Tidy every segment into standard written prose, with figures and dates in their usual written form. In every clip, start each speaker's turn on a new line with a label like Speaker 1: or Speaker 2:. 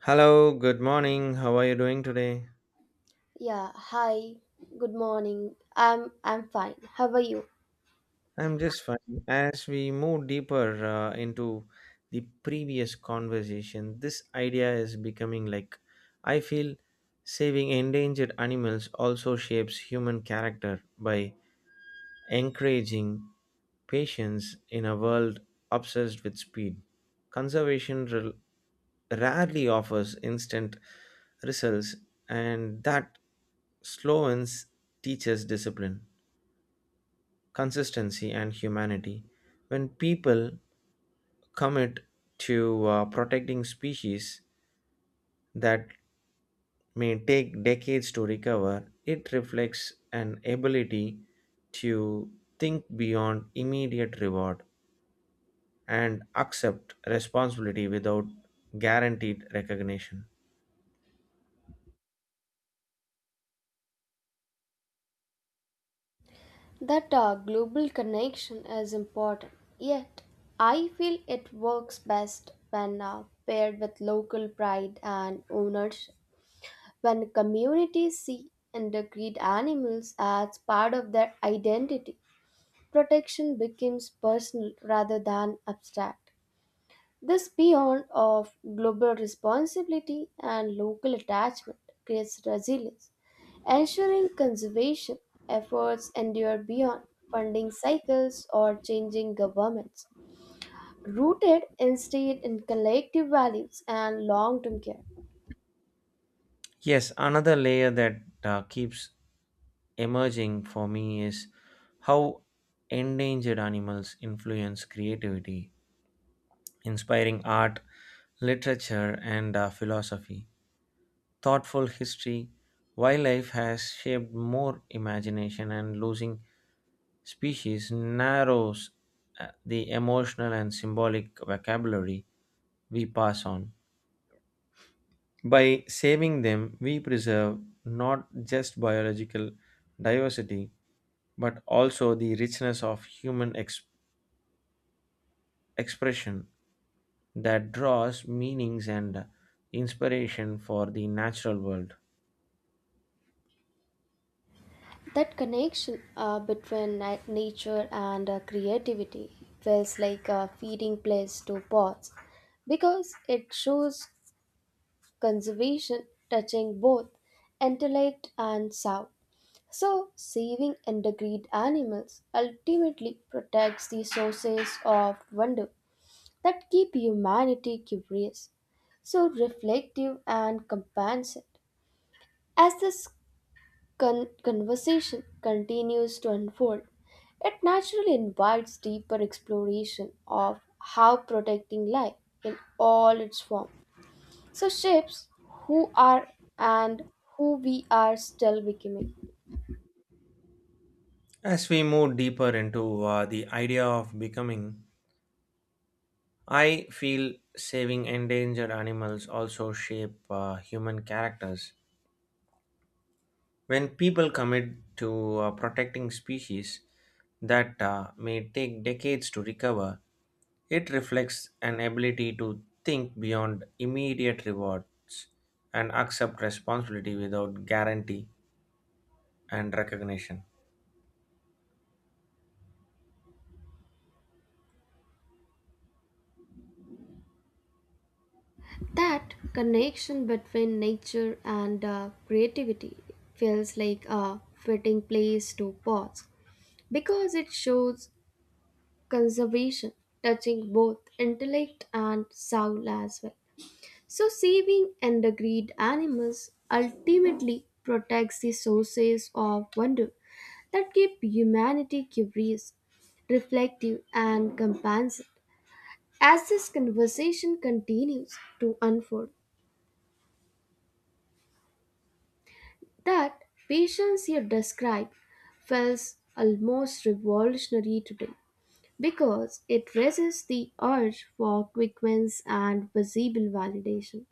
Speaker 1: Hello, good morning. How are you doing today?
Speaker 2: Yeah, hi. Good morning. I'm fine. How are you?
Speaker 1: I'm just fine. As we move deeper into the previous conversation, this idea is becoming like I feel saving endangered animals also shapes human character by encouraging patience in a world obsessed with speed. Conservation rel- rarely offers instant results, and that slowness teaches discipline, consistency and humanity. When people commit to protecting species that may take decades to recover, it reflects an ability to think beyond immediate reward and accept responsibility without guaranteed recognition.
Speaker 2: That global connection is important. Yet, I feel it works best when paired with local pride and ownership. When communities see and treat animals as part of their identity, protection becomes personal rather than abstract. This beyond of global responsibility and local attachment creates resilience, ensuring conservation efforts endure beyond funding cycles or changing governments, rooted instead in collective values and long-term care.
Speaker 1: Yes, another layer that keeps emerging for me is how endangered animals influence creativity, inspiring art, literature, and philosophy. Thoughtful history, wildlife has shaped more imagination, and losing species narrows the emotional and symbolic vocabulary we pass on. By saving them, we preserve not just biological diversity but also the richness of human expression that draws meanings and inspiration for the natural world.
Speaker 2: That connection between nature and creativity feels like a feeding place to pots because it shows conservation touching both intellect and sound. So, saving endangered animals ultimately protects the sources of wonder that keep humanity curious, so reflective and compassionate. As this conversation continues to unfold, it naturally invites deeper exploration of how protecting life in all its forms so shapes who are and who we are still becoming.
Speaker 1: As we move deeper into the idea of becoming, I feel saving endangered animals also shape human characters. When people commit to protecting species that may take decades to recover, it reflects an ability to think beyond immediate rewards and accept responsibility without guarantee and recognition.
Speaker 2: That connection between nature and creativity feels like a fitting place to pause because it shows conservation touching both intellect and soul as well. So, saving endangered animals ultimately protects the sources of wonder that keep humanity curious, reflective, and compassionate. As this conversation continues to unfold, that patience you describe feels almost revolutionary today because it raises the urge for quick wins and visible validation.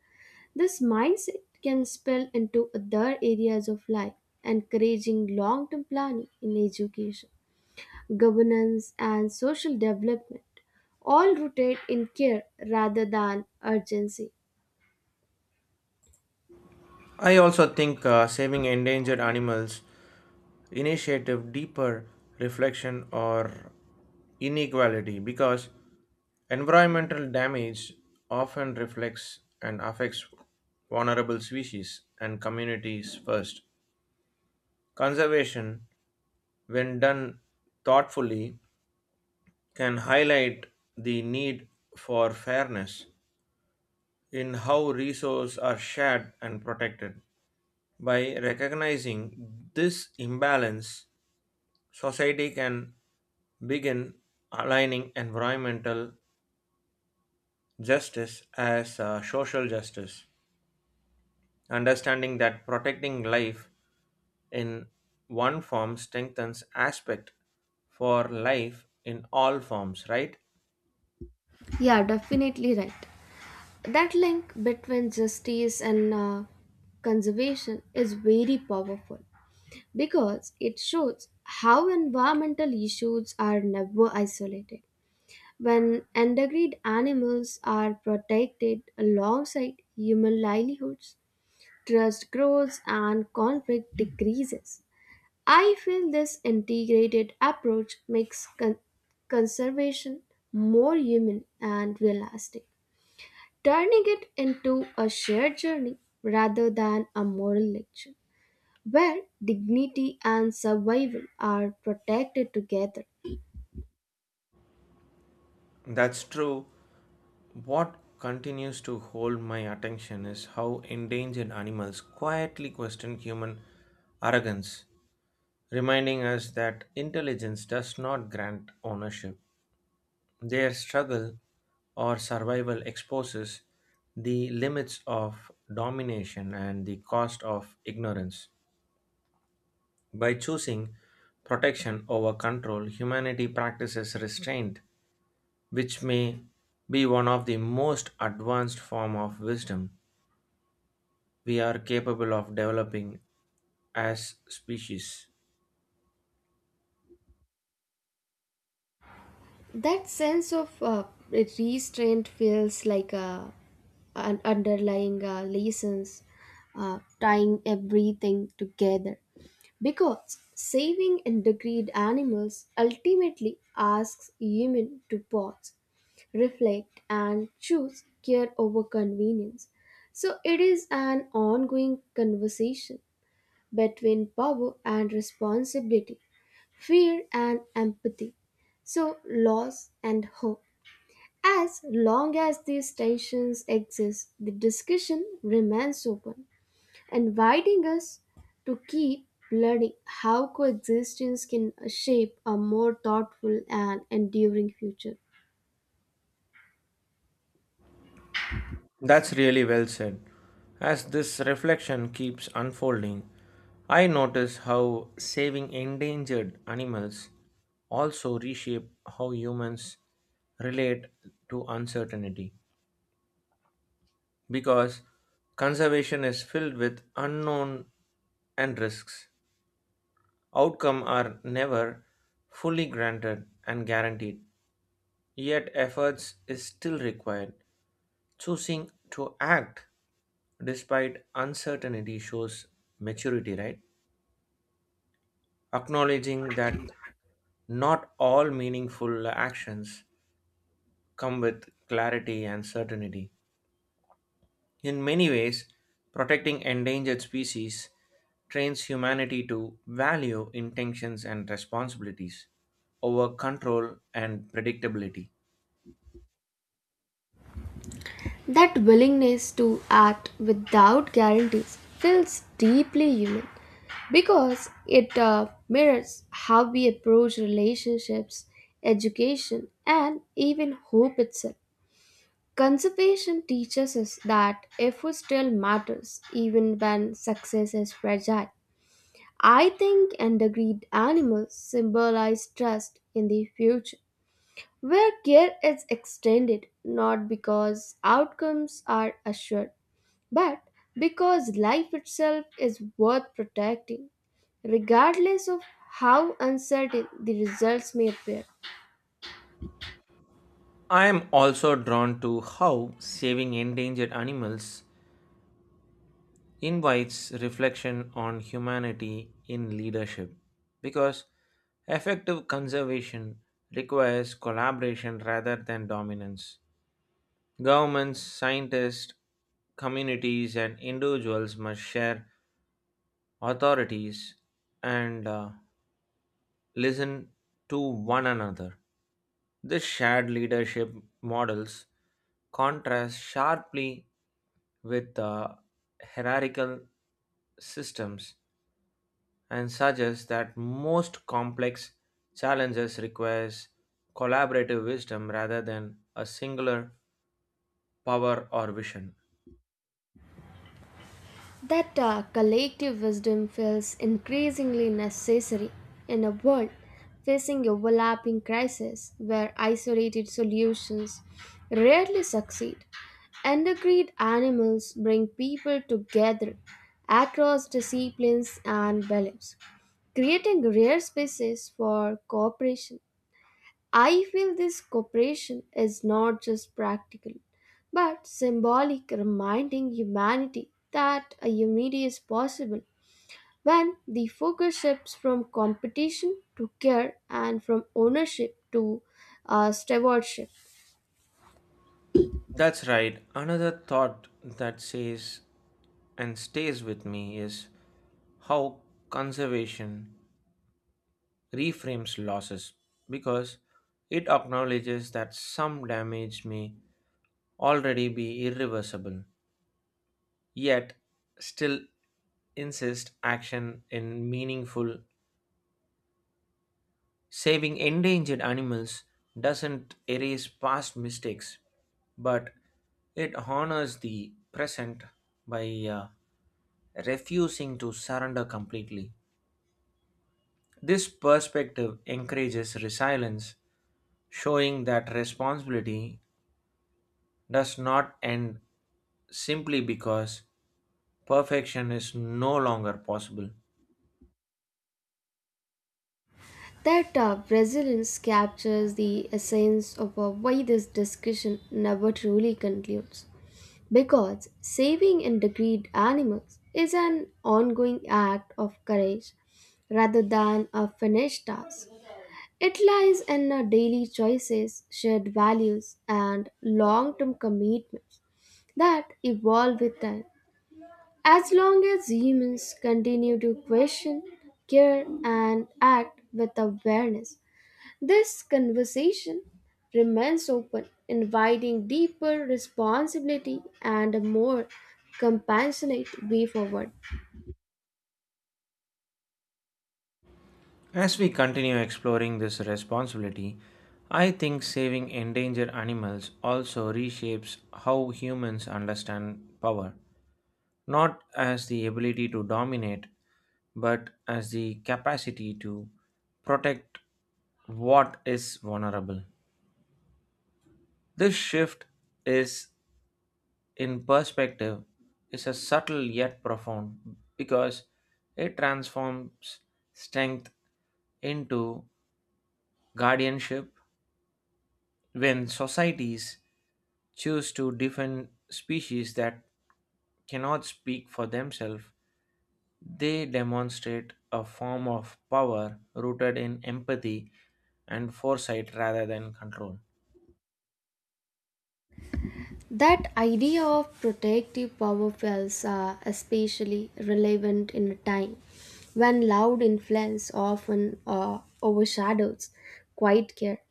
Speaker 2: This mindset can spill into other areas of life, encouraging long term planning in education, governance, and social development, all rooted in care rather than urgency.
Speaker 1: I also think saving endangered animals initiative, deeper reflection, or inequality because environmental damage often reflects and affects vulnerable species and communities first. Conservation, when done thoughtfully, can highlight the need for fairness in how resources are shared and protected. By recognizing this imbalance, society can begin aligning environmental justice as social justice, understanding that protecting life in one form strengthens aspect for life in all forms, right?
Speaker 2: Yeah, definitely right. That link between justice and conservation is very powerful because it shows how environmental issues are never isolated. When endangered animals are protected alongside human livelihoods, trust grows and conflict decreases. I feel this integrated approach makes conservation more human and realistic, turning it into a shared journey rather than a moral lecture, where dignity and survival are protected together.
Speaker 1: That's true. What continues to hold my attention is how endangered animals quietly question human arrogance, reminding us that intelligence does not grant ownership. Their struggle or survival exposes the limits of domination and the cost of ignorance. By choosing protection over control, humanity practices restraint, which may be one of the most advanced form of wisdom we are capable of developing as species.
Speaker 2: That sense of restraint feels like a, an underlying lessons tying everything together. Because saving endangered animals ultimately asks human to pause, reflect, and choose care over convenience. So it is an ongoing conversation between power and responsibility fear and empathy. So, loss and hope. As long as these tensions exist, the discussion remains open, inviting us to keep learning how coexistence can shape a more thoughtful and enduring future.
Speaker 1: That's really well said. As this reflection keeps unfolding, I notice how saving endangered animals also reshape how humans relate to uncertainty because conservation is filled with unknown and risks. Outcome are never fully granted and guaranteed, yet efforts is still required. Choosing to act despite uncertainty shows maturity, right? Acknowledging that not all meaningful actions come with clarity and certainty. In many ways, protecting endangered species trains humanity to value intentions and responsibilities over control and predictability.
Speaker 2: That willingness to act without guarantees feels deeply human because it mirrors how we approach relationships, education, and even hope itself. Conservation teaches us that effort still matters even when success is fragile. I think endangered animals symbolize trust in the future, where care is extended not because outcomes are assured but because life itself is worth protecting, regardless of how uncertain the results may appear.
Speaker 1: I am also drawn to how saving endangered animals invites reflection on humanity in leadership because effective conservation requires collaboration rather than dominance. Governments, scientists, communities, and individuals must share authorities and listen to one another. This shared leadership models contrast sharply with the hierarchical systems and suggests that most complex challenges requires collaborative wisdom rather than a singular power or vision.
Speaker 2: That collective wisdom feels increasingly necessary in a world facing overlapping crises where isolated solutions rarely succeed. Endocrine animals bring people together across disciplines and beliefs, creating rare spaces for cooperation. I feel this cooperation is not just practical, but symbolic, reminding humanity that a unity is possible when the focus shifts from competition to care and from ownership to stewardship.
Speaker 1: That's right. Another thought that says and stays with me is how conservation reframes losses because it acknowledges that some damage may already be irreversible, yet still insist action in meaningful. Saving endangered animals doesn't erase past mistakes, but it honors the present by refusing to surrender completely. This perspective encourages resilience, showing that responsibility does not end simply because perfection is no longer possible.
Speaker 2: That resilience captures the essence of why this discussion never truly concludes. Because saving endangered animals is an ongoing act of courage rather than a finished task. It lies in our daily choices, shared values, and long term commitments that evolve with time. As long as humans continue to question, care, and act with awareness, this conversation remains open, inviting deeper responsibility and a more compassionate way forward.
Speaker 1: As we continue exploring this responsibility, I think saving endangered animals also reshapes how humans understand power, not as the ability to dominate, but as the capacity to protect what is vulnerable. This shift is in perspective is a subtle yet profound because it transforms strength into guardianship. When societies choose to defend species that cannot speak for themselves, they demonstrate a form of power rooted in empathy and foresight rather than control.
Speaker 2: That idea of protective power feels especially relevant in a time when loud influence often overshadows quiet care.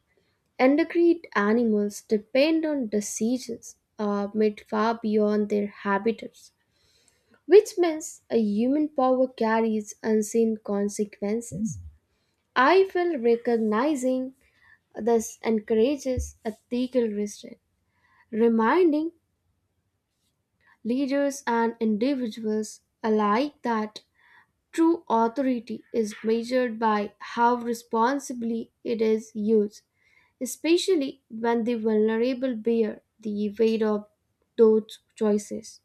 Speaker 2: Endangered animals depend on diseases made far beyond their habitats, which means a human power carries unseen consequences. I feel recognizing this encourages ethical restraint, reminding leaders and individuals alike that true authority is measured by how responsibly it is used, especially when the vulnerable bear the weight of those choices.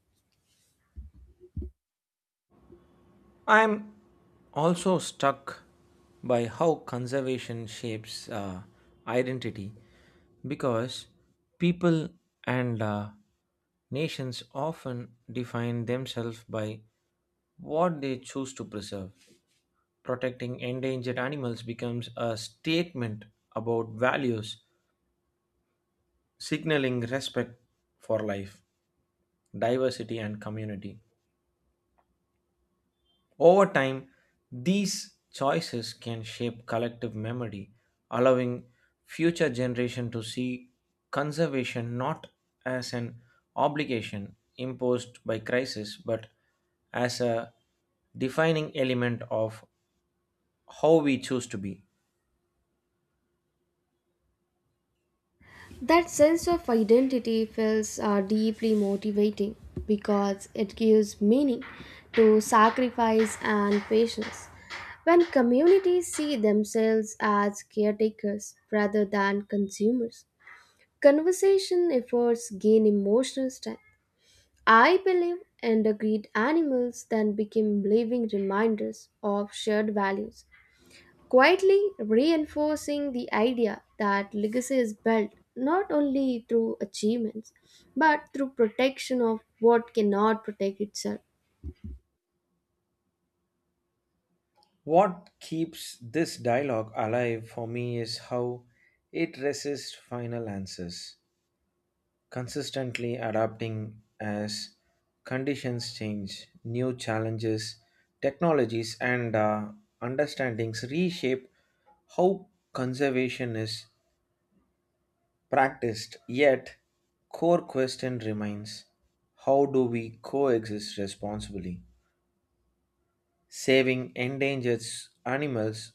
Speaker 1: I'm also struck by how conservation shapes identity because people and nations often define themselves by what they choose to preserve. Protecting endangered animals becomes a statement about values, signaling respect for life, diversity, and community. Over time, these choices can shape collective memory, allowing future generations to see conservation not as an obligation imposed by crisis but as a defining element of how we choose to be.
Speaker 2: That sense of identity feels deeply motivating because it gives meaning to sacrifice and patience. When communities see themselves as caretakers rather than consumers, conservation efforts gain emotional strength. I believe endangered animals then became living reminders of shared values quietly reinforcing the idea that legacy is built not only through achievements but through protection of what cannot protect itself.
Speaker 1: What keeps this dialogue alive for me is how it resists final answers, consistently adapting as conditions change, new challenges, technologies, and understandings reshape how conservation is practiced. Yet, core question remains, how do we coexist responsibly? Saving endangered animals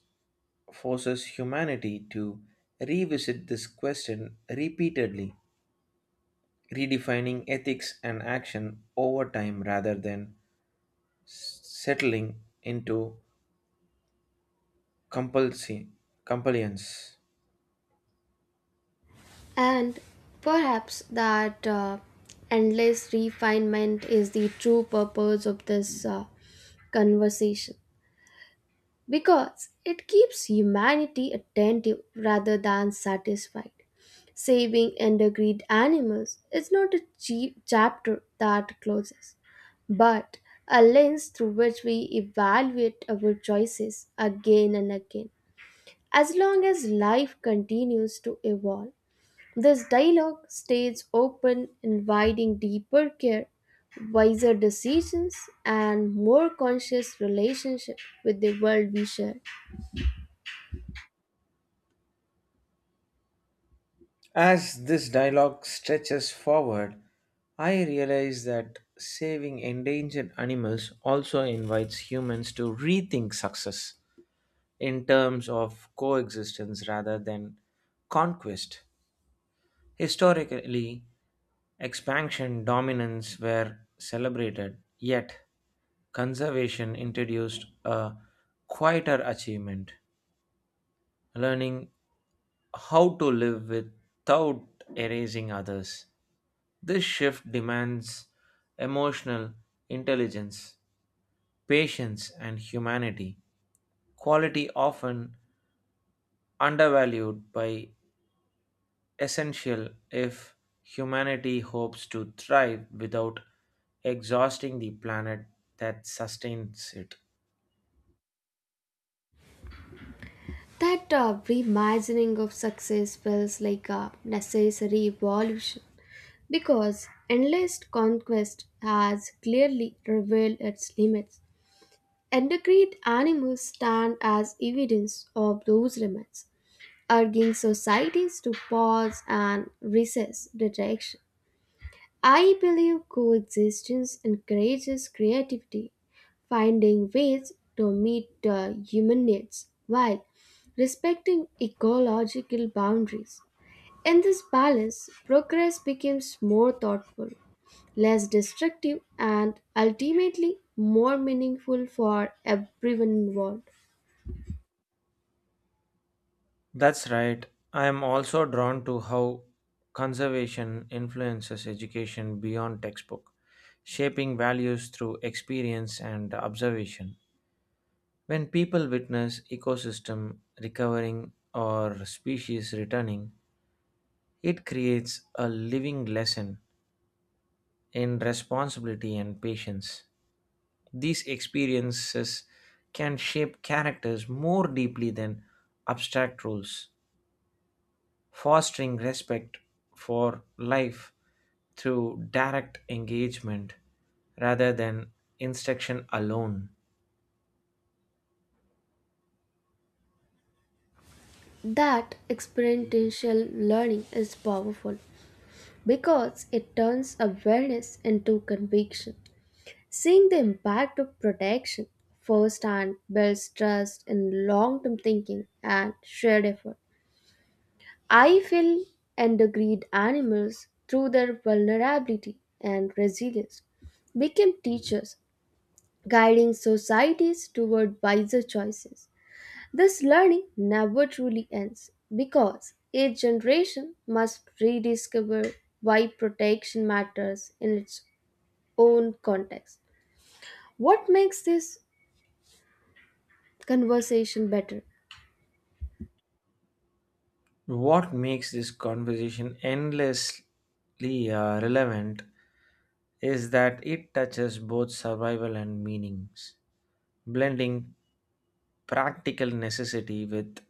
Speaker 1: forces humanity to revisit this question repeatedly, redefining ethics and action over time rather than settling into compulsi- compliance.
Speaker 2: And perhaps that endless refinement is the true purpose of this conversation, because it keeps humanity attentive rather than satisfied. Saving endangered animals is not a cheap chapter that closes, but a lens through which we evaluate our choices again and again. As long as life continues to evolve, this dialogue stays open, inviting deeper care, wiser decisions, and more conscious relationship with the world we share.
Speaker 1: As this dialogue stretches forward, I realize that saving endangered animals also invites humans to rethink success in terms of coexistence rather than conquest. Historically, expansion dominance were celebrated, yet conservation introduced a quieter achievement, learning how to live without erasing others. This shift demands emotional intelligence, patience, and humanity, quality often undervalued by essential if humanity hopes to thrive without exhausting the planet that sustains it.
Speaker 2: That reimagining of success feels like a necessary evolution because endless conquest has clearly revealed its limits. Endocrine animals stand as evidence of those limits, urging societies to pause and recess direction. I believe coexistence encourages creativity, finding ways to meet human needs while respecting ecological boundaries. In this balance, progress becomes more thoughtful, less destructive, and ultimately more meaningful for everyone involved.
Speaker 1: That's right. I am also drawn to how conservation influences education beyond textbook, shaping values through experience and observation. When people witness ecosystem recovering or species returning, it creates a living lesson in responsibility and patience. These experiences can shape characters more deeply than abstract rules, fostering respect for life through direct engagement rather than instruction alone.
Speaker 2: That experiential learning is powerful because it turns awareness into conviction. Seeing the impact of protection firsthand builds trust in long term thinking and shared effort. I feel endangered animals through their vulnerability and resilience became teachers, guiding societies toward wiser choices. This learning never truly ends because each generation must rediscover why protection matters in its own context. What makes this conversation better.
Speaker 1: What makes this conversation endlessly relevant is that it touches both survival and meanings, blending practical necessity with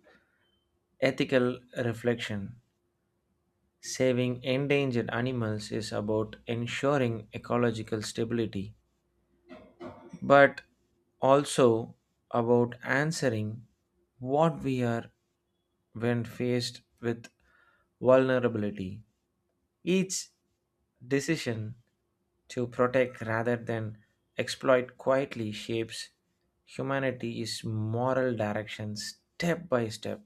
Speaker 1: ethical reflection. Saving endangered animals is about ensuring ecological stability, but also about answering what we are when faced with vulnerability. Each decision to protect rather than exploit quietly shapes humanity's moral direction step by step.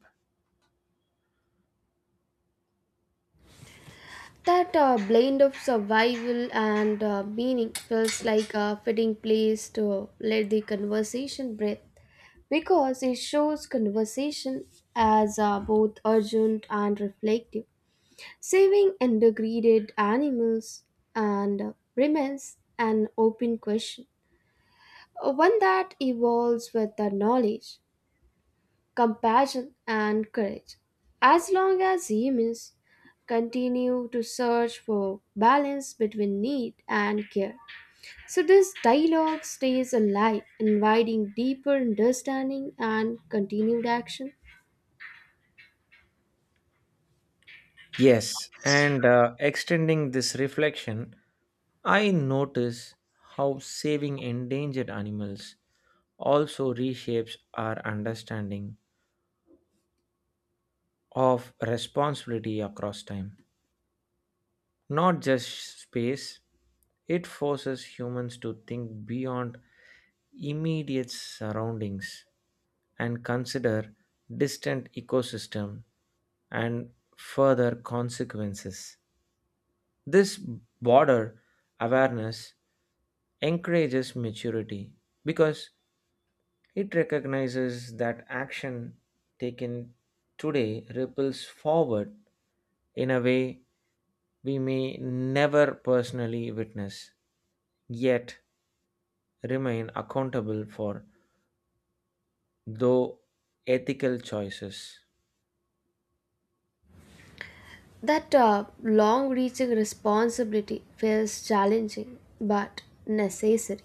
Speaker 2: That blend of survival and meaning feels like a fitting place to let the conversation breathe because it shows conversation as both urgent and reflective. Saving endangered animals and remains an open question, one that evolves with the knowledge, compassion, and courage. As long as humans continue to search for balance between need and care. So this dialogue stays alive, inviting deeper understanding and continued action.
Speaker 1: Yes, and extending this reflection, I notice how saving endangered animals also reshapes our understanding of responsibility across time. Not just space, it forces humans to think beyond immediate surroundings and consider distant ecosystem and further consequences. This broader awareness encourages maturity because it recognizes that action taken today ripples forward in a way we may never personally witness, yet remain accountable for, though ethical choices.
Speaker 2: That long reaching responsibility feels challenging but necessary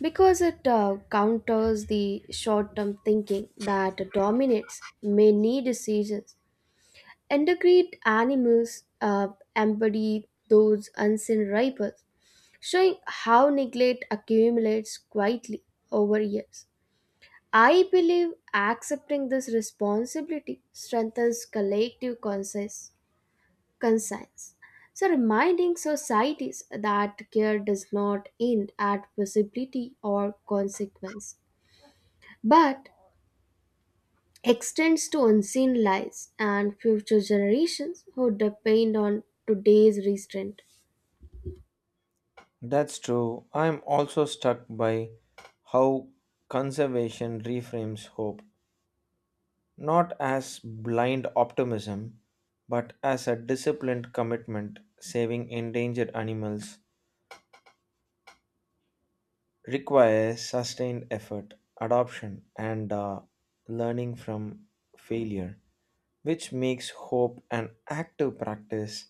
Speaker 2: because it counters the short term thinking that dominates many decisions. Endangered animals embody those unseen rivals, showing how neglect accumulates quietly over years. I believe accepting this responsibility strengthens collective conscience. So, reminding societies that care does not end at possibility or consequence, but extends to unseen lives and future generations who depend on today's restraint.
Speaker 1: That's true. I'm also struck by how conservation reframes hope, not as blind optimism, but as a disciplined commitment. Saving endangered animals requires sustained effort, adoption, and learning from failure, which makes hope an active practice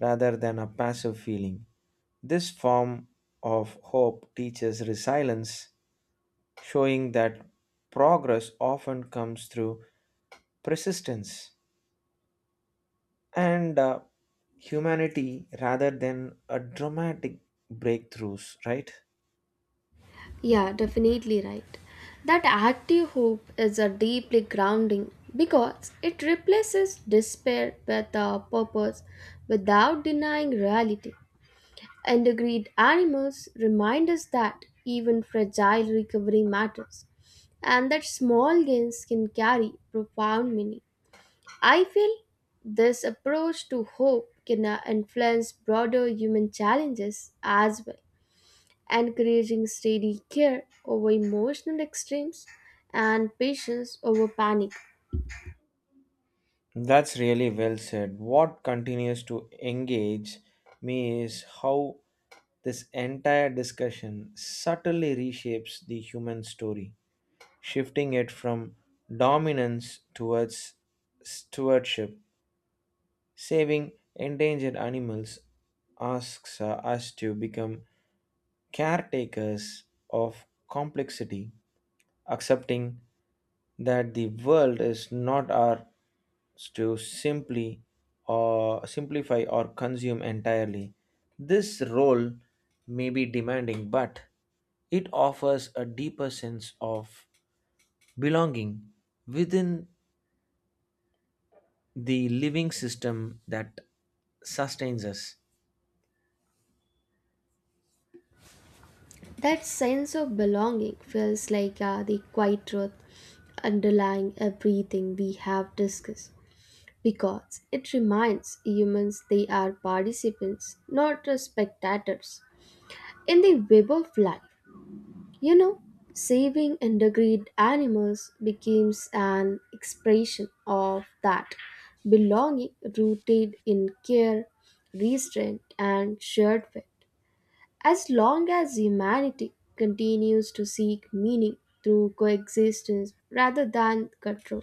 Speaker 1: rather than a passive feeling. This form of hope teaches resilience, showing that progress often comes through persistence and humanity rather than a dramatic breakthroughs, right?
Speaker 2: Yeah, definitely right. That active hope is a deeply grounding because it replaces despair with a purpose without denying reality. Endangered animals remind us that even fragile recovery matters and that small gains can carry profound meaning. I feel this approach to hope can influence broader human challenges as well, encouraging steady care over emotional extremes and patience over panic.
Speaker 1: That's really well said. What continues to engage me is how this entire discussion subtly reshapes the human story, shifting it from dominance towards stewardship. Saving endangered animals asks us to become caretakers of complexity, accepting that the world is not ours to simply or simplify or consume entirely. This role may be demanding, but it offers a deeper sense of belonging within the living system that sustains us.
Speaker 2: That sense of belonging feels like the quiet truth underlying everything we have discussed because it reminds humans they are participants, not spectators, in the web of life. You know, saving endangered animals becomes an expression of that belonging rooted in care, restraint, and shared fate. As long as humanity continues to seek meaning through coexistence rather than control,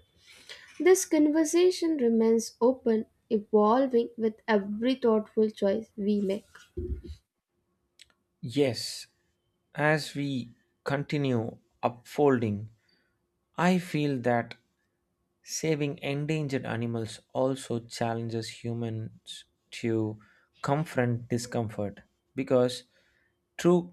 Speaker 2: this conversation remains open, evolving with every thoughtful choice we make.
Speaker 1: Yes, as we continue upfolding, I feel that saving endangered animals also challenges humans to confront discomfort because true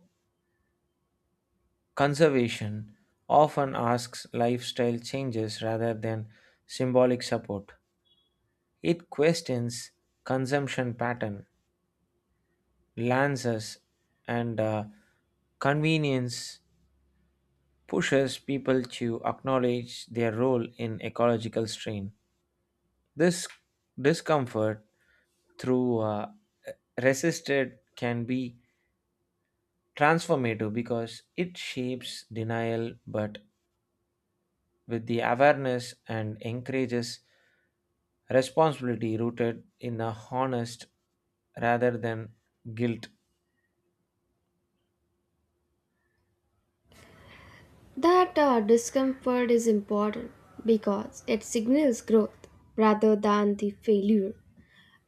Speaker 1: conservation often asks lifestyle changes rather than symbolic support. It questions consumption pattern, lances, and convenience pushes people to acknowledge their role in ecological strain. This discomfort through resisted can be transformative because it shapes denial but with the awareness and encourages responsibility rooted in a honest rather than guilt.
Speaker 2: That discomfort is important because it signals growth rather than the failure.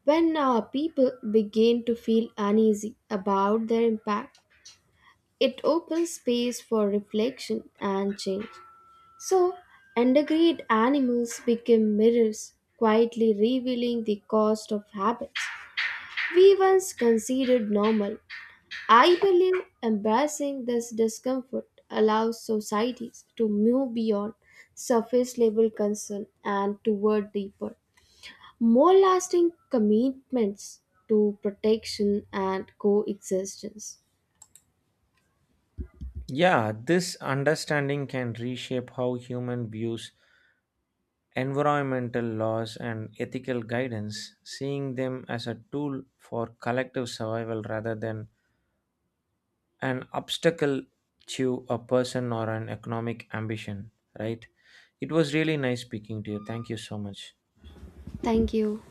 Speaker 2: When people begin to feel uneasy about their impact, it opens space for reflection and change. So, endangered animals become mirrors, quietly revealing the cost of habits we once considered normal. I believe embracing this discomfort allows societies to move beyond surface level concern and toward deeper, more lasting commitments to protection and coexistence.
Speaker 1: Yeah, this understanding can reshape how human views environmental laws and ethical guidance, seeing them as a tool for collective survival rather than an obstacle to a person or an economic ambition, right? It was really nice speaking to you. Thank you so much.
Speaker 2: Thank you.